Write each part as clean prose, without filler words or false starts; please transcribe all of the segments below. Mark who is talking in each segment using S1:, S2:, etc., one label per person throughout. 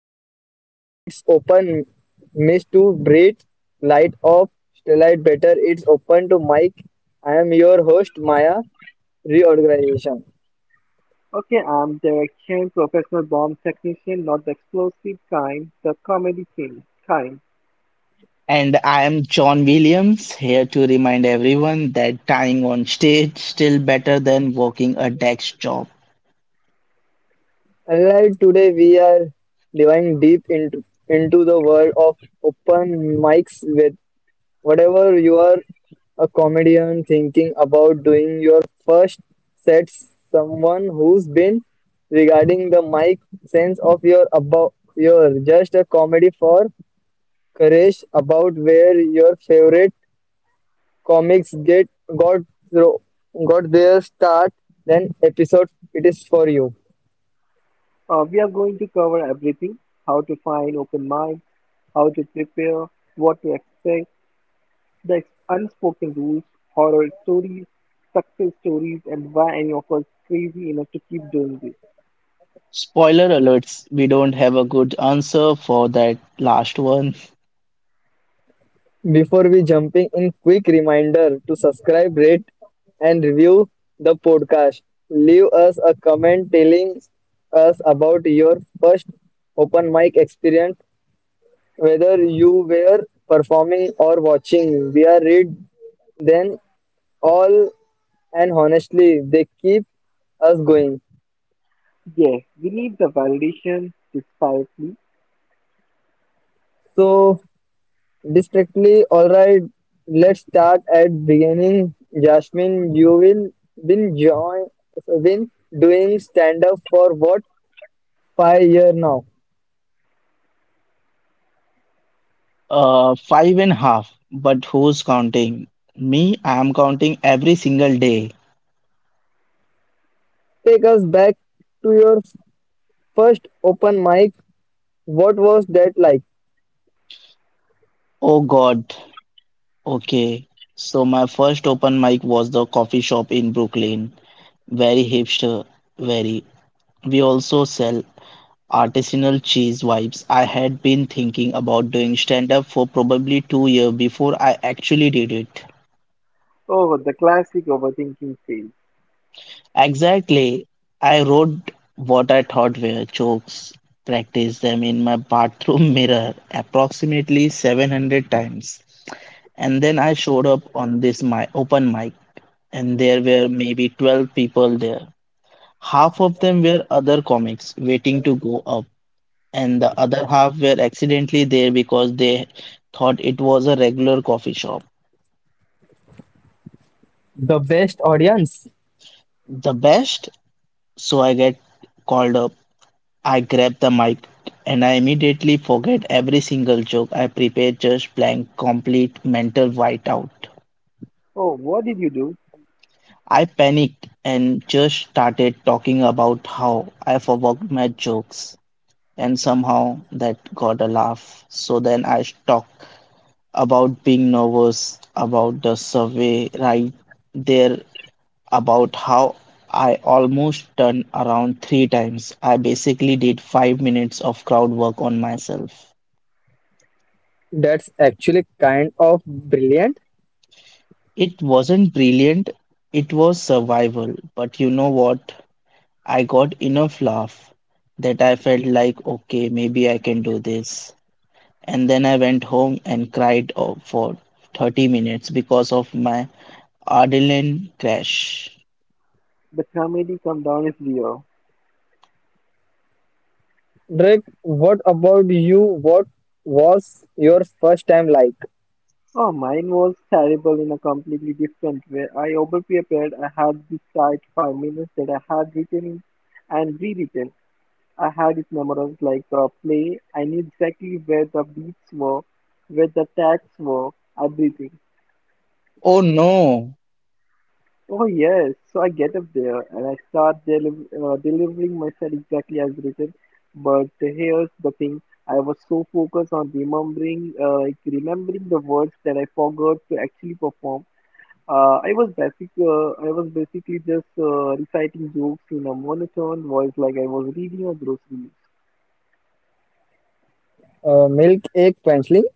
S1: the dimly it's open mist to breathe light of light better it's open to mic. I am your host Maya reorganization.
S2: Okay, I'm direction, professional bomb technician, not the explosive kind, the comedy king kind.
S3: And I am John Williams, here to remind everyone that dying on stage still better than working a desk job.
S1: Alright, today we are diving deep into the world of open mics with whatever you are, a comedian thinking about doing your first sets, someone who's been regarding the mic sense of your about your just a comedy for courage about where your favorite comics get got got their start, then episode it is for you.
S2: We are going to cover everything: how to find open mics, how to prepare, what to expect, the unspoken rules, horror stories, success stories, and why any of us crazy enough to keep doing this.
S3: Spoiler alerts, we don't have a good answer for that last one.
S1: Before we jumping in, quick reminder to subscribe, rate, and review the podcast. Leave us a comment telling us about your first open mic experience, whether you were performing or watching. We are read then all, and honestly, they keep us going.
S2: Yes, we need the validation, desperately.
S1: So districtly, alright, let's start at beginning. Jasmine, you will been join been doing stand up for what, 5 year now.
S3: Five and a half, but who's counting? Me, I'm counting every single day.
S1: Take us back to your first open mic. What was that like?
S3: Oh God, okay, so my first open mic was the coffee shop in Brooklyn. Very hipster, very. We also sell artisanal cheese wipes. I had been thinking about doing stand up for probably 2 years before I actually did it.
S2: Oh, the classic overthinking phase.
S3: Exactly. I wrote what I thought were jokes, practiced them in my bathroom mirror approximately 700 times, and then I showed up on this my open mic and there were maybe 12 people there. Half of them were other comics waiting to go up, and the other half were accidentally there because they thought it was a regular coffee shop.
S1: The best audience.
S3: The best, so I get called up. I grab the mic and I immediately forget every single joke I prepared, just blank, complete mental whiteout.
S2: Oh, what did you do?
S3: I panicked and just started talking about how I forgot my jokes, and somehow that got a laugh. So then I stuck about being nervous, about the survey right there, about how I almost turned around three times. I basically did 5 minutes of crowd work on myself.
S1: That's actually kind of brilliant.
S3: It wasn't brilliant, it was survival, but you know what? I got enough laugh that I felt like, okay, maybe I can do this. And then I went home and cried for 30 minutes because of my adrenaline crash.
S2: The comedy come down is real.
S1: Drake, what about you? What was your first time like?
S2: Oh, mine was terrible in a completely different way. I overprepared. I had this tight 5 minutes that I had written in and rewritten. I had it memorized like a play. I knew exactly where the beats were, where the tags were, everything.
S3: Oh no.
S2: Oh yes, so I get up there and I start delivering myself exactly as written. But here's the thing: I was so focused on remembering, remembering the words that I forgot to actually perform. I was basically just reciting jokes in a monotone voice, like I was reading a grocery list.
S1: Milk egg quenchling,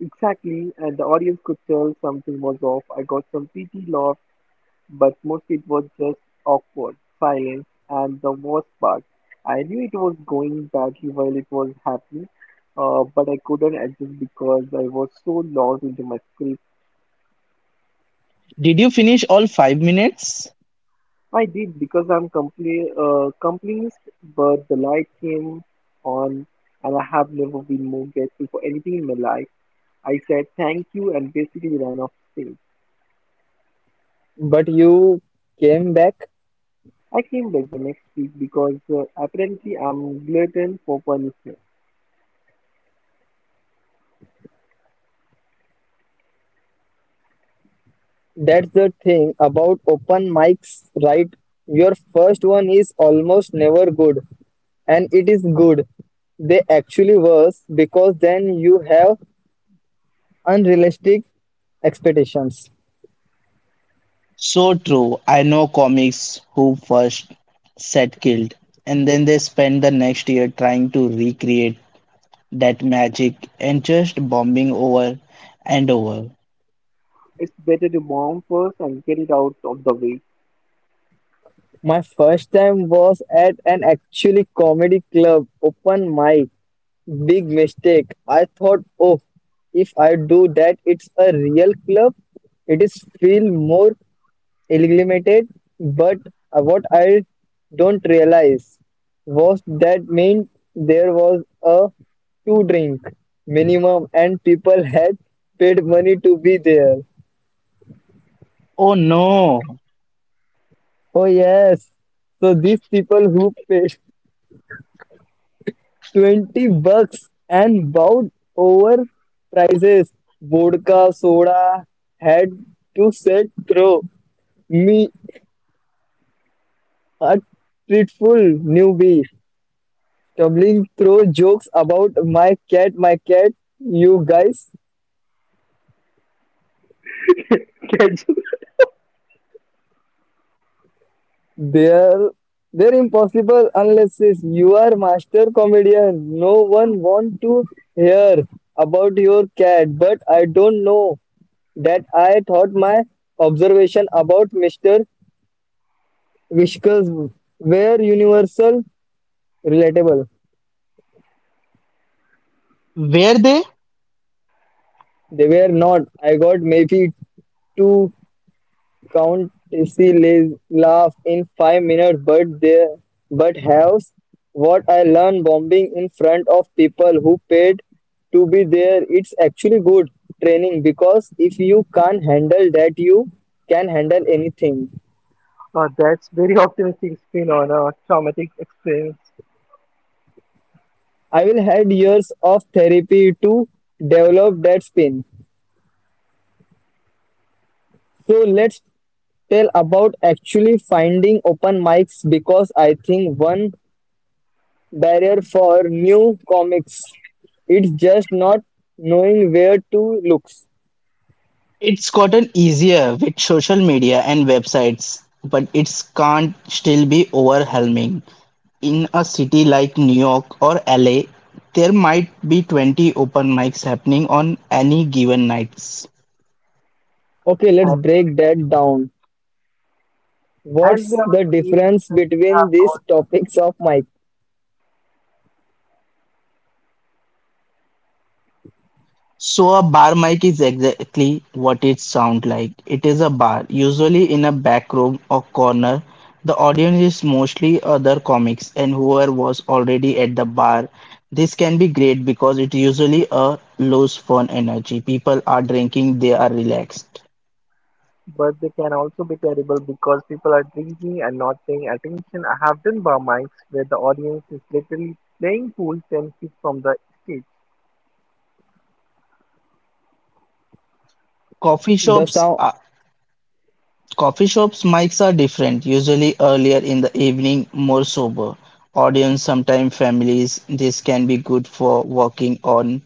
S2: Exactly, and the audience could tell something was off. I got some pity laugh, but mostly it was just awkward silence. And the worst part, I knew it was going badly while it was happening, but I couldn't adjust because I was so lost into my script.
S3: Did you finish all 5 minutes?
S2: I did because I'm compli completionist, but the light came on and I have never been more grateful for anything in my life. I said thank you and basically ran off stage.
S1: but you came back.
S2: I came back the next week because apparently I'm glutton for punishment.
S1: That's the thing about open mics, right? Your first one is almost never good, and it is good. They actually worse because then you have unrealistic expectations.
S3: So true. I know comics who first set killed and then they spend the next year trying to recreate that magic and just bombing over and over.
S2: It's better to bomb first and get it out of the way.
S1: My first time was at an actually comedy club open mic. Big mistake. I thought, oh, if I do that, it's a real club. It is feel more eliminated. But what I don't realize was that meant there was a two drink minimum, and people had paid money to be there.
S3: Oh no.
S1: Oh yes. So these people who paid 20 bucks and bowed over prices, vodka, soda, had to set through me, a dreadful newbie. Tumbling through jokes about my cat, you guys.
S2: Catch-
S1: They're they're impossible unless it's you are master comedian. No one want to hear about your cat, but I don't know that I thought my observation about Mr. Whiskers were universal relatable.
S3: Were they?
S1: They were not. I got maybe two Countessy lays laugh in 5 minutes, but there, but house. What I learned bombing in front of people who paid to be there, it's actually good training because if you can't handle that, you can handle anything.
S2: that's very optimistic spin on a traumatic experience.
S1: I will had years of therapy to develop that spin. So let's tell about actually finding open mics because I think one barrier for new comics. It's just not knowing where to look.
S3: It's gotten easier with social media and websites, but it can't still be overwhelming. In a city like New York or LA, there might be 20 open mics happening on any given nights.
S1: Okay, let's
S2: And,
S1: break that down.
S2: and we
S1: What's
S2: are
S1: the difference between these topics of mic,
S3: So a bar mic is exactly what it sounds like. It is a bar, usually in a back room or corner. The audience is mostly other comics and whoever was already at the bar. This can be great because it usually a loose fun energy. People are drinking, they are relaxed.
S2: But they can also be terrible because people are drinking and not paying attention. I have done bar mics where the audience is literally playing pool 10 feet from the stage.
S3: Coffee
S1: the
S3: shops
S1: sound,
S3: are, Coffee shops mics are different, usually earlier in the evening, more sober. Audience, sometimes families. This can be good for working on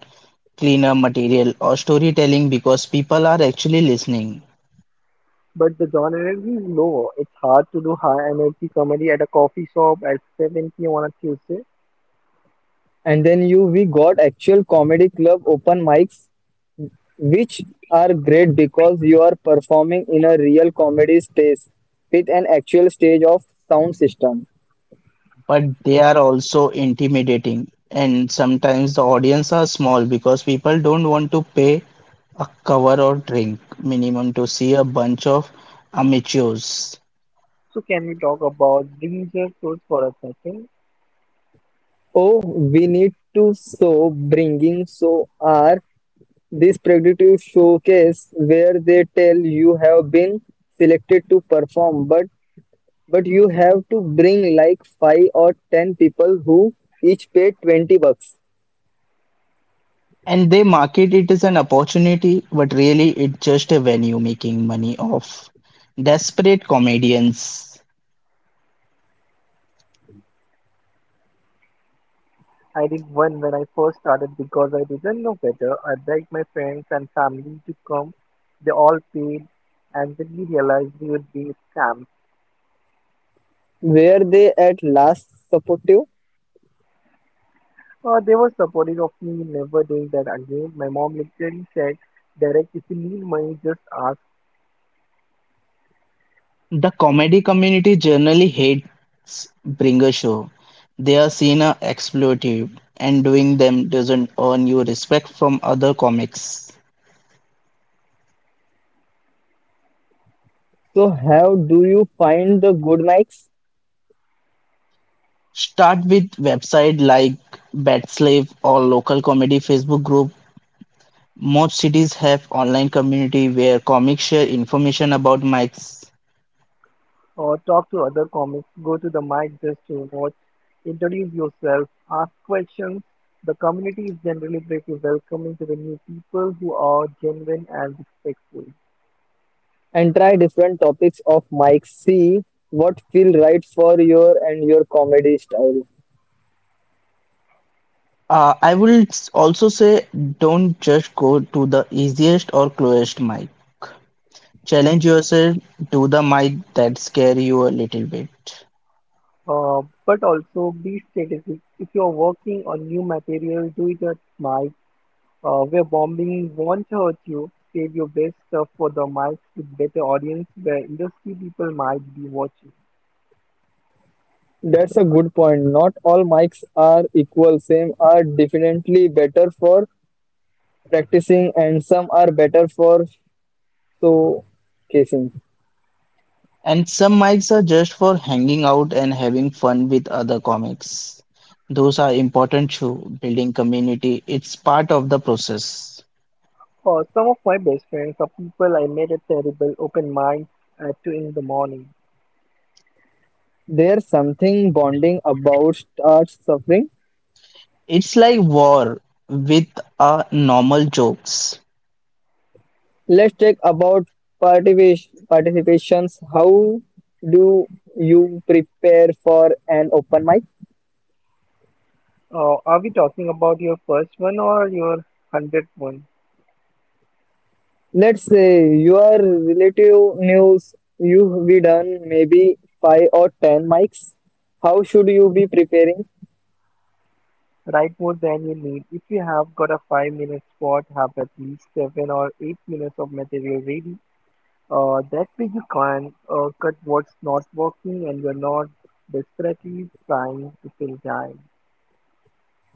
S3: cleaner material or storytelling because people are actually listening,
S2: But the genre is low. It's hard to do high energy comedy at a coffee shop at 7 p.m. on a Tuesday.
S1: and then you we got actual comedy club open mics, which are great because you are performing in a real comedy space with an actual stage of sound system.
S3: but they are also intimidating. And sometimes the audience are small because people don't want to pay a cover or drink minimum to see a bunch of amateurs.
S2: So can we talk about danger source for a second?
S1: Oh, we need to so bringing so our these predictive showcase where they tell you have been selected to perform, but you have to bring like five or ten people who each pay $20.
S3: And they market it as an opportunity, but really it's just a venue making money off desperate comedians.
S2: I did one when I first started because I didn't know better. I begged my friends and family to come. They all paid and then we realized we would be scammed.
S1: Were they at last supportive?
S2: They were supportive of me, never doing that again. My mom literally said, Derek, if you need money, just ask
S3: The comedy community generally hates bringer shows; they are seen as exploitative, and doing them doesn't earn you respect from other comics.
S1: So how do you find the good mics
S3: Start with websites like Batslave or local comedy Facebook group. Most cities have online community where comics share information about mics.
S2: or talk to other comics, go to the mic just to watch, introduce yourself, ask questions. The community is generally pretty welcoming to the new people who are genuine and respectful.
S1: and try different topics of mics? See what feel right for your and your comedy style.
S3: I will also say don't just go to the easiest or closest mic. Challenge yourself, do the mic that scare you a little bit.
S2: But also be strategic. If you're working on new material, do it at mic where bombing won't hurt you, save your best stuff for the mics with better audience where industry people might be watching.
S1: That's a good point. Not all mics are equal. Some are definitely better for practicing and some are better for showcasing.
S3: And some mics are just for hanging out and having fun with other comics. Those are important too. Building community, it's part of the process.
S2: Some of my best friends are people I met at terrible open mics at 2 in the morning.
S1: There's something bonding about art suffering.
S3: It's like war with a normal jokes.
S1: Let's take about participations. How do you prepare for an open mic?
S2: Are we talking about your first one or your 100th one?
S1: Let's say you are relative news you've be done maybe five or ten mics. How should you be preparing?
S2: Write more than you need. If you have got a 5-minute spot, have at least 7 or 8 minutes of material ready that way you can cut what's not working and you're not desperately trying to fill time.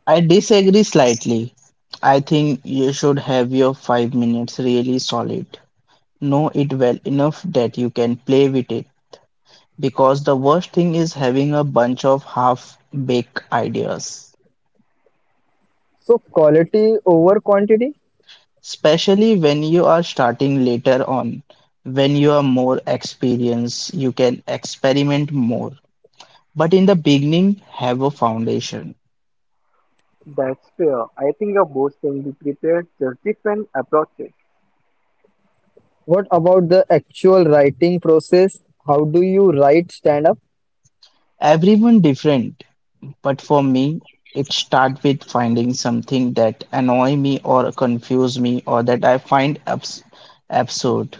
S3: I disagree slightly. I think you should have your 5 minutes really solid. Know it well enough that you can play with it, because the worst thing is having a bunch of half-baked ideas,
S1: So quality over quantity.
S3: especially when you are starting later on. When you are more experienced, you can experiment more. But in the beginning, have a foundation.
S2: That's fair. I think are both can be prepared, just different approaches.
S1: What about the actual writing process? How do you write stand up
S3: Everyone different. But for me, it starts with finding something that annoy me or confuse me or that I find absurd.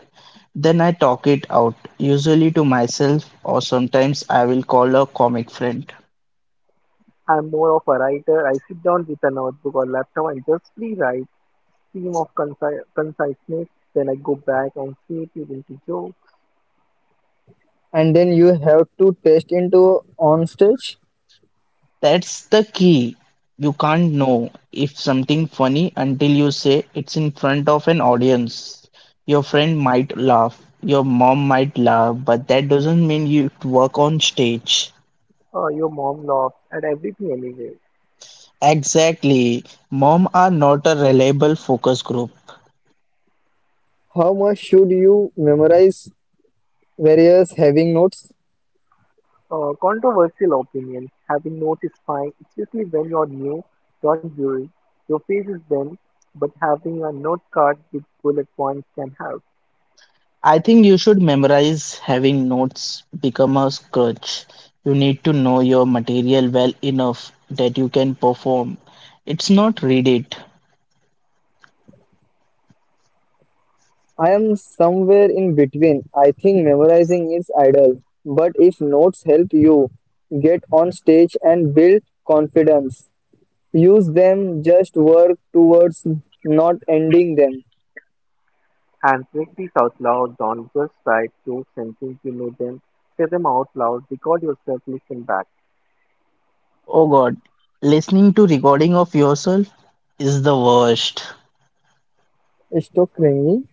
S3: Then I talk it out, usually to myself or sometimes I will call a comic friend.
S2: I'm more of a writer. I sit down with a notebook or laptop and just rewrite theme of conciseness. Then I go back and shape it into jokes.
S1: and then you have to test into on stage?
S3: That's the key. You can't know if something funny until you say it's in front of an audience. Your friend might laugh, your mom might laugh, but that doesn't mean you work on stage.
S2: Your mom laughs at everything anyway.
S3: Exactly. Mom are not a reliable focus group.
S1: How much should you memorize various having notes?
S2: Controversial opinions have been noticed fine, especially when you're new, don't worry. Your face is bent, but having a note card with bullet points can help.
S3: I think you should memorize having notes become a crutch. You need to know your material well enough that you can perform. It's not read it.
S1: I am somewhere in between. I think memorizing is idle, but if notes help you get on stage and build confidence, use them, just work towards not ending them.
S2: And practice out loud, don't just write jokes and think you know them. Say them out loud, record yourself, listen back.
S3: Oh God, listening to recording of yourself is the worst.
S1: It's so cringy.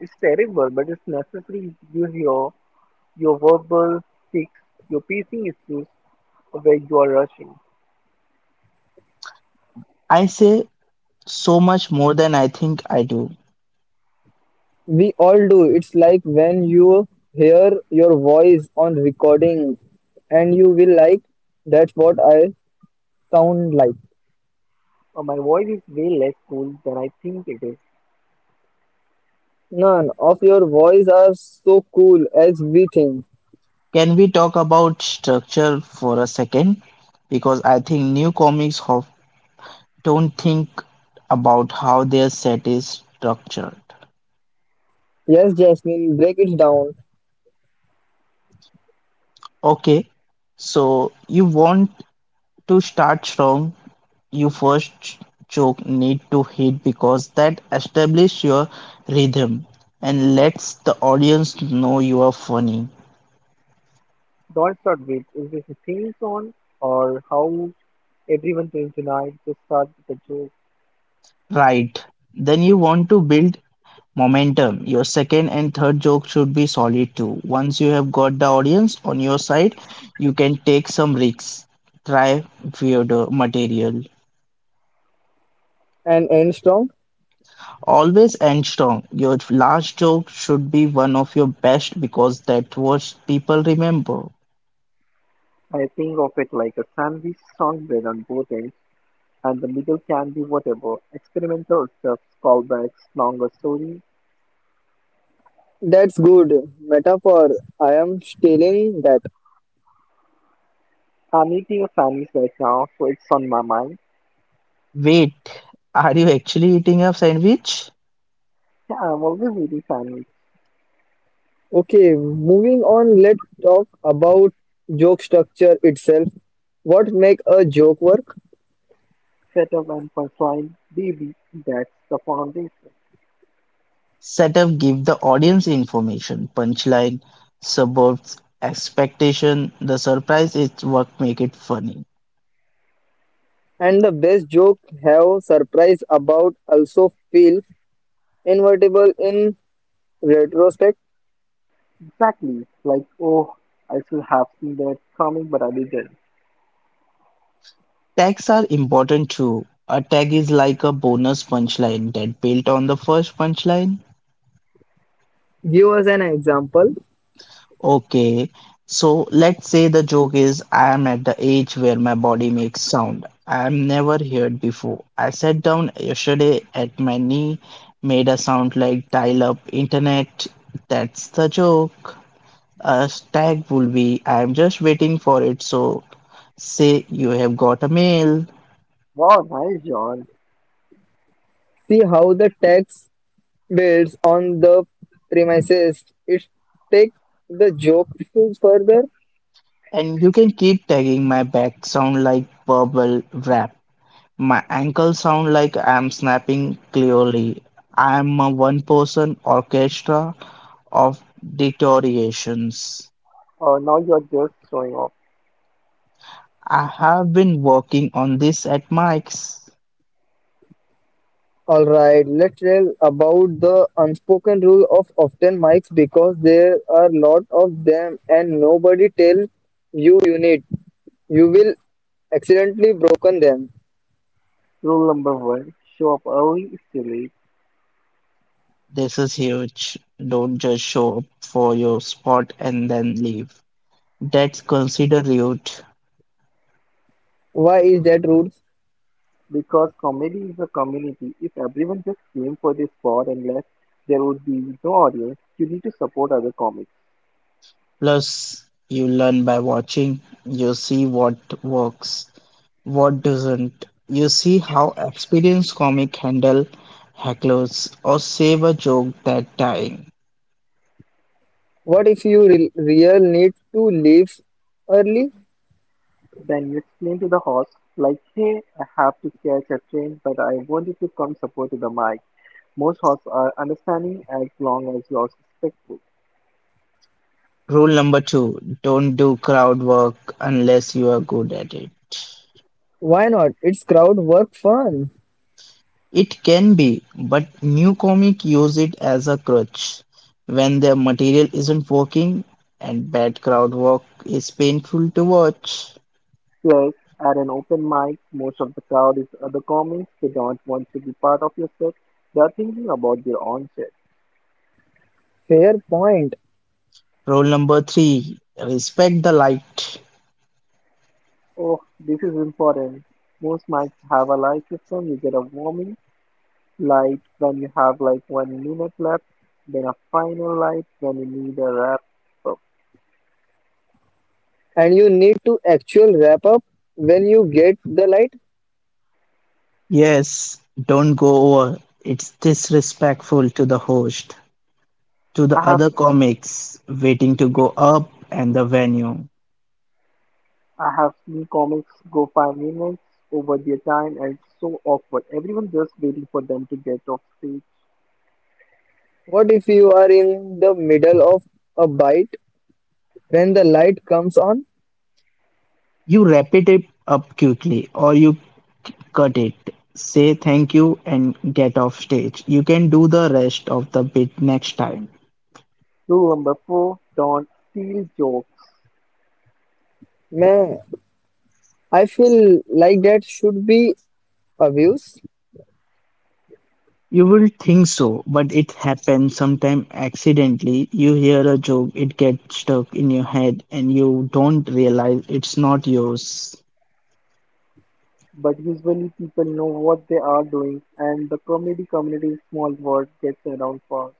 S2: It's terrible, but it's necessary you hear your verbal tics, your pacing issues, where you are rushing.
S3: I say so much more than I think I do.
S1: We all do. It's like when you hear your voice on recording and you will like, that's what I sound like.
S2: My voice is way less cool than I think it is.
S1: None of your voice are so cool as we think.
S3: Can we talk about structure for a second? Because I think new comics of don't think about how their set is structured.
S1: Yes, Jasmine, break it down
S3: Okay, so you want to start strong. You first joke need to hit because that establish your rhythm and lets the audience know you are funny.
S2: Don't start with is this a theme song or how everyone feels tonight? Just start with a joke.
S3: Right. Then you want to build momentum. Your second and third joke should be solid too. Once you have got the audience on your side, you can take some risks. Try weirder material.
S1: and end strong.
S3: Always end strong. Your last joke should be one of your best because that's what people remember.
S2: I think of it like a sandwich song bread on both ends, and the middle can be whatever experimental stuff, callbacks, longer stories.
S1: That's good. Metaphor. I am stealing that.
S2: I'm eating a sandwich right now, so it's on my mind.
S3: Wait, are you actually eating a sandwich?
S2: Yeah, I'm always eating sandwich.
S1: Okay, moving on, let's talk about joke structure itself. What make a joke work?
S2: Setup and punchline, baby, that's the foundation.
S3: Setup give the audience information, punchline, suburbs, expectation. The surprise is what make it funny.
S1: And the best joke have surprise about also feel invertible in retrospect.
S2: Exactly. Like, oh, I should have seen that coming, but I didn't.
S3: Tags are important too. A tag is like a bonus punchline that built on the first punchline.
S1: Give us an example.
S3: Okay, so let's say the joke is I am at the age where my body makes sound. I am never heard before. I sat down yesterday at my knee, made a sound like dial up internet. That's the joke. A tag will be I am just waiting for it. So say you have got a mail,
S2: Wow, nice, John.
S1: See how the text builds on the premises. It take the joke further.
S3: and you can keep tagging my back sound like bubble wrap. My ankles sound like I'm snapping clearly. I'm a one person orchestra of deteriorations.
S2: Or now you're just showing off.
S3: I have been working on this at Mike's.
S1: All right, let's tell about the unspoken rule of often mics because there are lot of them and nobody tell you you need. You will accidentally broken them.
S2: Rule number one show up early is too late
S3: This is huge. Don't just show up for your spot and then leave. That's considered rude.
S1: Why is that rule?
S2: because comedy is a community. If everyone just came for this spot and left, there would be no audience. You need to support other comics.
S3: Plus, you learn by watching, you see what works. What doesn't? You see how experienced comic handle hecklers or save a joke that time.
S1: What if you re real need to leave early?
S2: Then you explain to the host, like, hey, I have to catch a train, but I wanted to come support to the mic. Most hosts are understanding as long as you're respectful.
S3: Rule number two, don't do crowd work unless you are good at it.
S1: Why not? It's crowd work fun.
S3: It can be, but new comic use it as a crutch when their material isn't working and bad crowd work is painful to watch.
S2: Plus, at an open mic, most of the crowd is other comics. They don't want to be part of your set. They are thinking about their own set.
S1: Fair point.
S3: Rule number three, respect the light.
S2: Oh, this is important. Most mics have a light system. You get a warming light when you have like 1 minute left, then a final light when you need a wrap up.
S1: And you need to actual wrap up when you get the light.
S3: Yes, don't go over. It's disrespectful to the host, to the
S2: I have
S3: other comics waiting to go up and the venue.
S2: I have seen comics go 5 minutes over their time and it's so awkward. Everyone just waiting for them to get off stage.
S1: What if you are in the middle of a bite when the light comes on?
S3: You wrap it up quickly or you cut it. Say thank you and get off stage. You can do the rest of the bit next time.
S2: Rule number four, don't steal jokes.
S1: Man, I feel like that should be abuse.
S3: You will think so, but it happens sometime accidentally. You hear a joke, it gets stuck in your head, and you don't realize it's not yours.
S2: But usually people know what they are doing and the comedy community is small world gets around fast.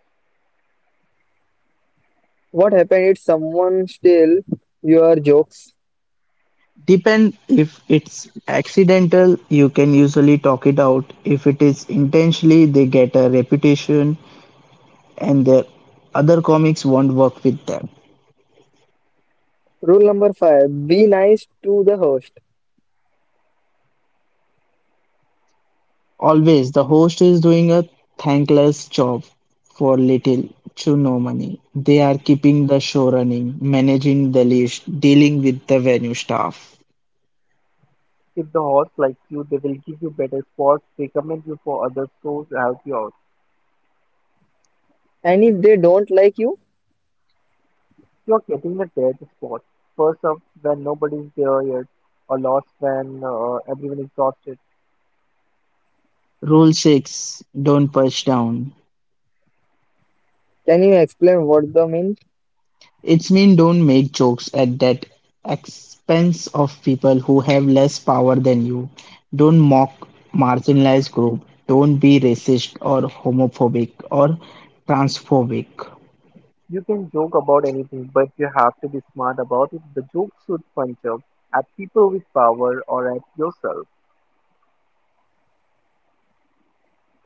S1: What happened if someone steal your jokes?
S3: Depend if it's accidental, you can usually talk it out. If it is intentionally, they get a reputation and their other comics won't work with them.
S1: Rule number five, be nice to the host.
S3: Always, the host is doing a thankless job for little to no money. They are keeping the show running, managing the leash, dealing with the venue staff.
S2: If the horse likes you, they will give you better spots, recommend you for others, so help you out.
S1: And if they don't like you,
S2: You're getting the dead spot. First up, when nobody's there yet, or lost when everyone is exhausted.
S3: Rule 6 don't push down.
S1: can you explain what the mean?
S3: It's mean don't make jokes at that expense of people who have less power than you. Don't mock marginalized group. Don't be racist or homophobic or transphobic.
S2: You can joke about anything, but you have to be smart about it. The joke should punch up at people with power or at yourself.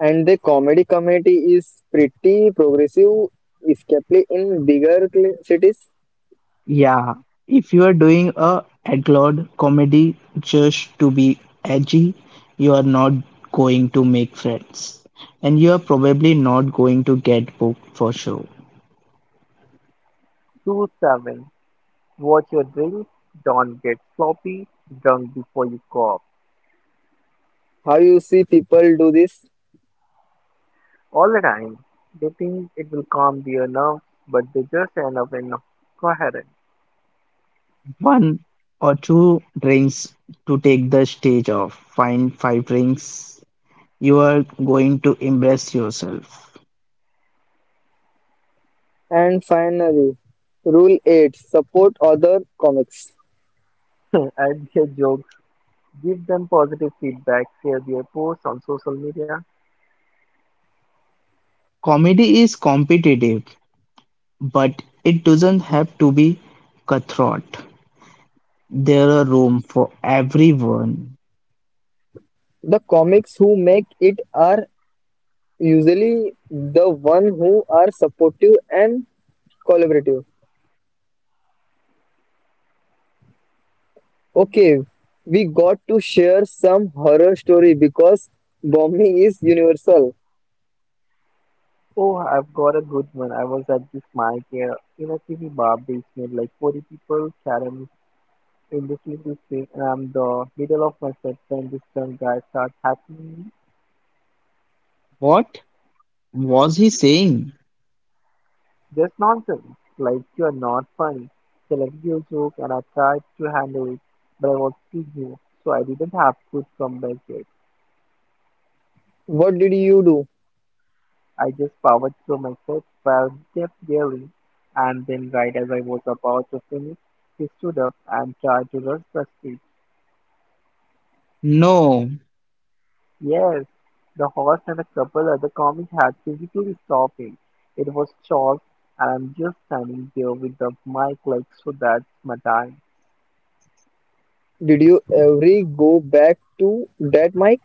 S1: And the comedy community is pretty progressive, especially in bigger cl- cities.
S3: Yeah, if you are doing a adlord comedy just to be edgy, you are not going to make friends, and you are probably not going to get booked for sure.
S2: Rule 7. Watch your drink. Don't get sloppy drunk before you call.
S1: How you see people do this?
S2: All the time. They think it will calm their nerves, but they just end up incoherent.
S3: One or two drinks to take the stage off. Find five drinks. You are going to impress yourself.
S1: And finally, rule 8 support other comics.
S2: Add their jokes, give them positive feedback, share their posts on social media.
S3: Comedy is competitive, but it doesn't have to be cutthroat. There are room for everyone.
S1: The comics who make it are usually the one who are supportive and collaborative. Okay, we got to share some horror story because bombing is universal.
S2: Oh, I've got a good one. I was at this mic here in a TV bar basement, like 40 people chatting in this little space, and I'm the middle of my set when this drunk guy starts hacking me.
S3: What was he saying?
S2: Just nonsense. Like you're not funny. It's a little joke and I tried to handle it, but I was too new, so I didn't have to come back yet.
S1: What did you do?
S2: I just powered through my steps while he kept yelling, and then right as I was about to finish, he stood up and tried to rush the street.
S3: No.
S2: Yes, the horse and a couple other comics had physically stopped him. It was Charles, and I'm just standing there with the mic like, so that's my time.
S1: Did you ever go back to that mic?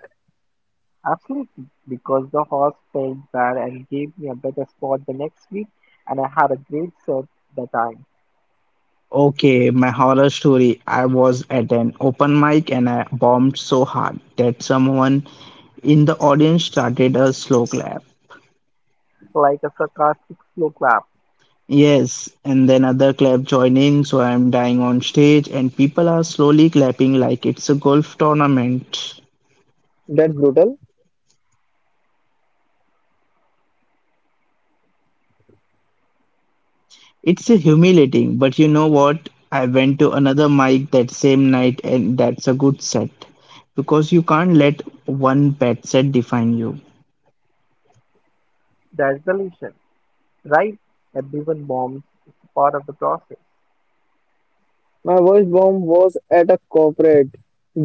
S2: Absolutely, because the horse felt bad and gave me a better spot the next week, and I had a great set the time,
S3: Okay, my horror story. I was at an open mic and I bombed so hard that someone in the audience started a slow clap.
S2: like a sarcastic slow clap.
S3: Yes, and then other clap join in, so I'm dying on stage, and people are slowly clapping like it's a golf tournament.
S1: That's brutal.
S3: It's a humiliating, but you know what? I went to another mic that same night, and that's a good set because you can't let one bad set define you.
S2: That's the lesson, right? Everyone bombs. It's part of the process.
S1: My worst bomb was at a corporate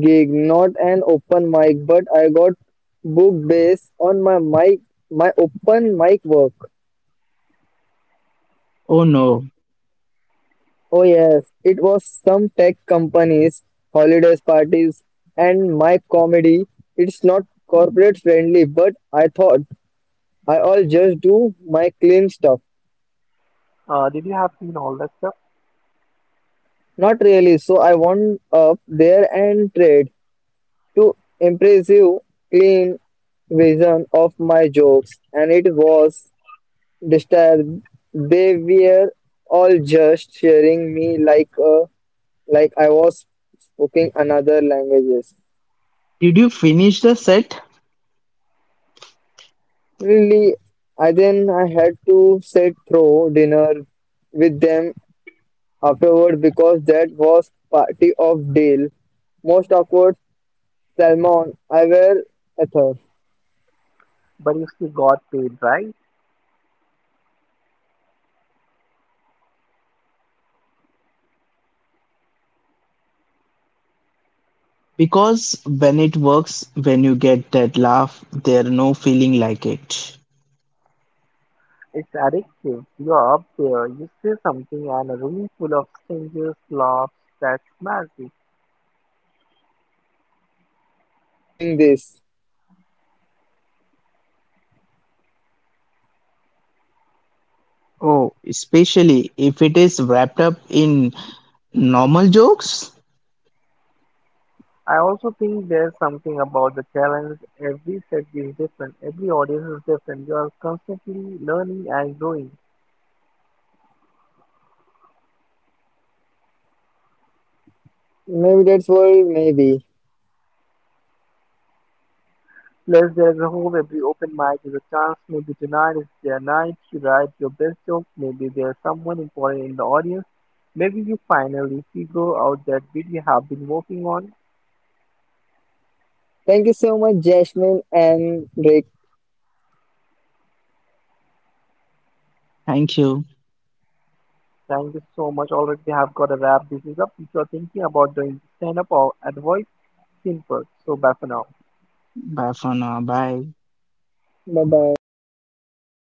S1: gig, not an open mic, but I got booked based on my mic, my open mic work.
S3: Oh no,
S1: Oh yes, it was some tech companies, holidays parties, and my comedy. It's not corporate friendly, but I thought I all just do my clean stuff.
S2: Did you have seen all that stuff?
S1: Not really. So I went up there and tried to impressive, clean vision of my jokes, and it was disturbed. They were all just sharing me like a, like I was speaking another languages.
S3: did you finish the set?
S1: Really, I then I had to sit through dinner with them afterward because that was party of deal. Most awkward Salmon, I were Ether.
S2: But you still got paid, right?
S1: I did and dots. When I learned that money doesn't Erdo
S3: Because when
S1: wants.
S3: it works, when you get that laugh, there's no feeling like it.
S2: It's
S1: So
S2: addictive.
S1: after all
S2: You're up
S1: these horror
S2: there. You
S1: stories,
S2: see
S1: all
S2: something,
S1: the
S2: and a room
S1: bombing
S2: full of
S1: and
S2: strangers
S1: the
S2: laughs.
S1: bad
S2: That's
S1: mics
S2: magic.
S1: of Wyatt, they spent, why did you keep doing this?
S3: Oh, especially if it is wrapped up in normal jokes.
S2: I also think there's something about the challenge. Every set is different, every audience is different. You are constantly learning and growing.
S1: Maybe that's why. Maybe.
S2: Plus, there's a hope every open mic is a chance. Maybe tonight is their night. You write your best joke. Maybe there's someone important in the audience. Maybe you finally figure out that bit you have been working on.
S1: Thank you so much, Jasmine and Rick.
S3: Thank you.
S2: Thank you so much. Already have got a wrap. This is up. If you're thinking about doing stand up or at voice, simple. So bye for now.
S3: Bye for now. Bye.
S1: Bye bye.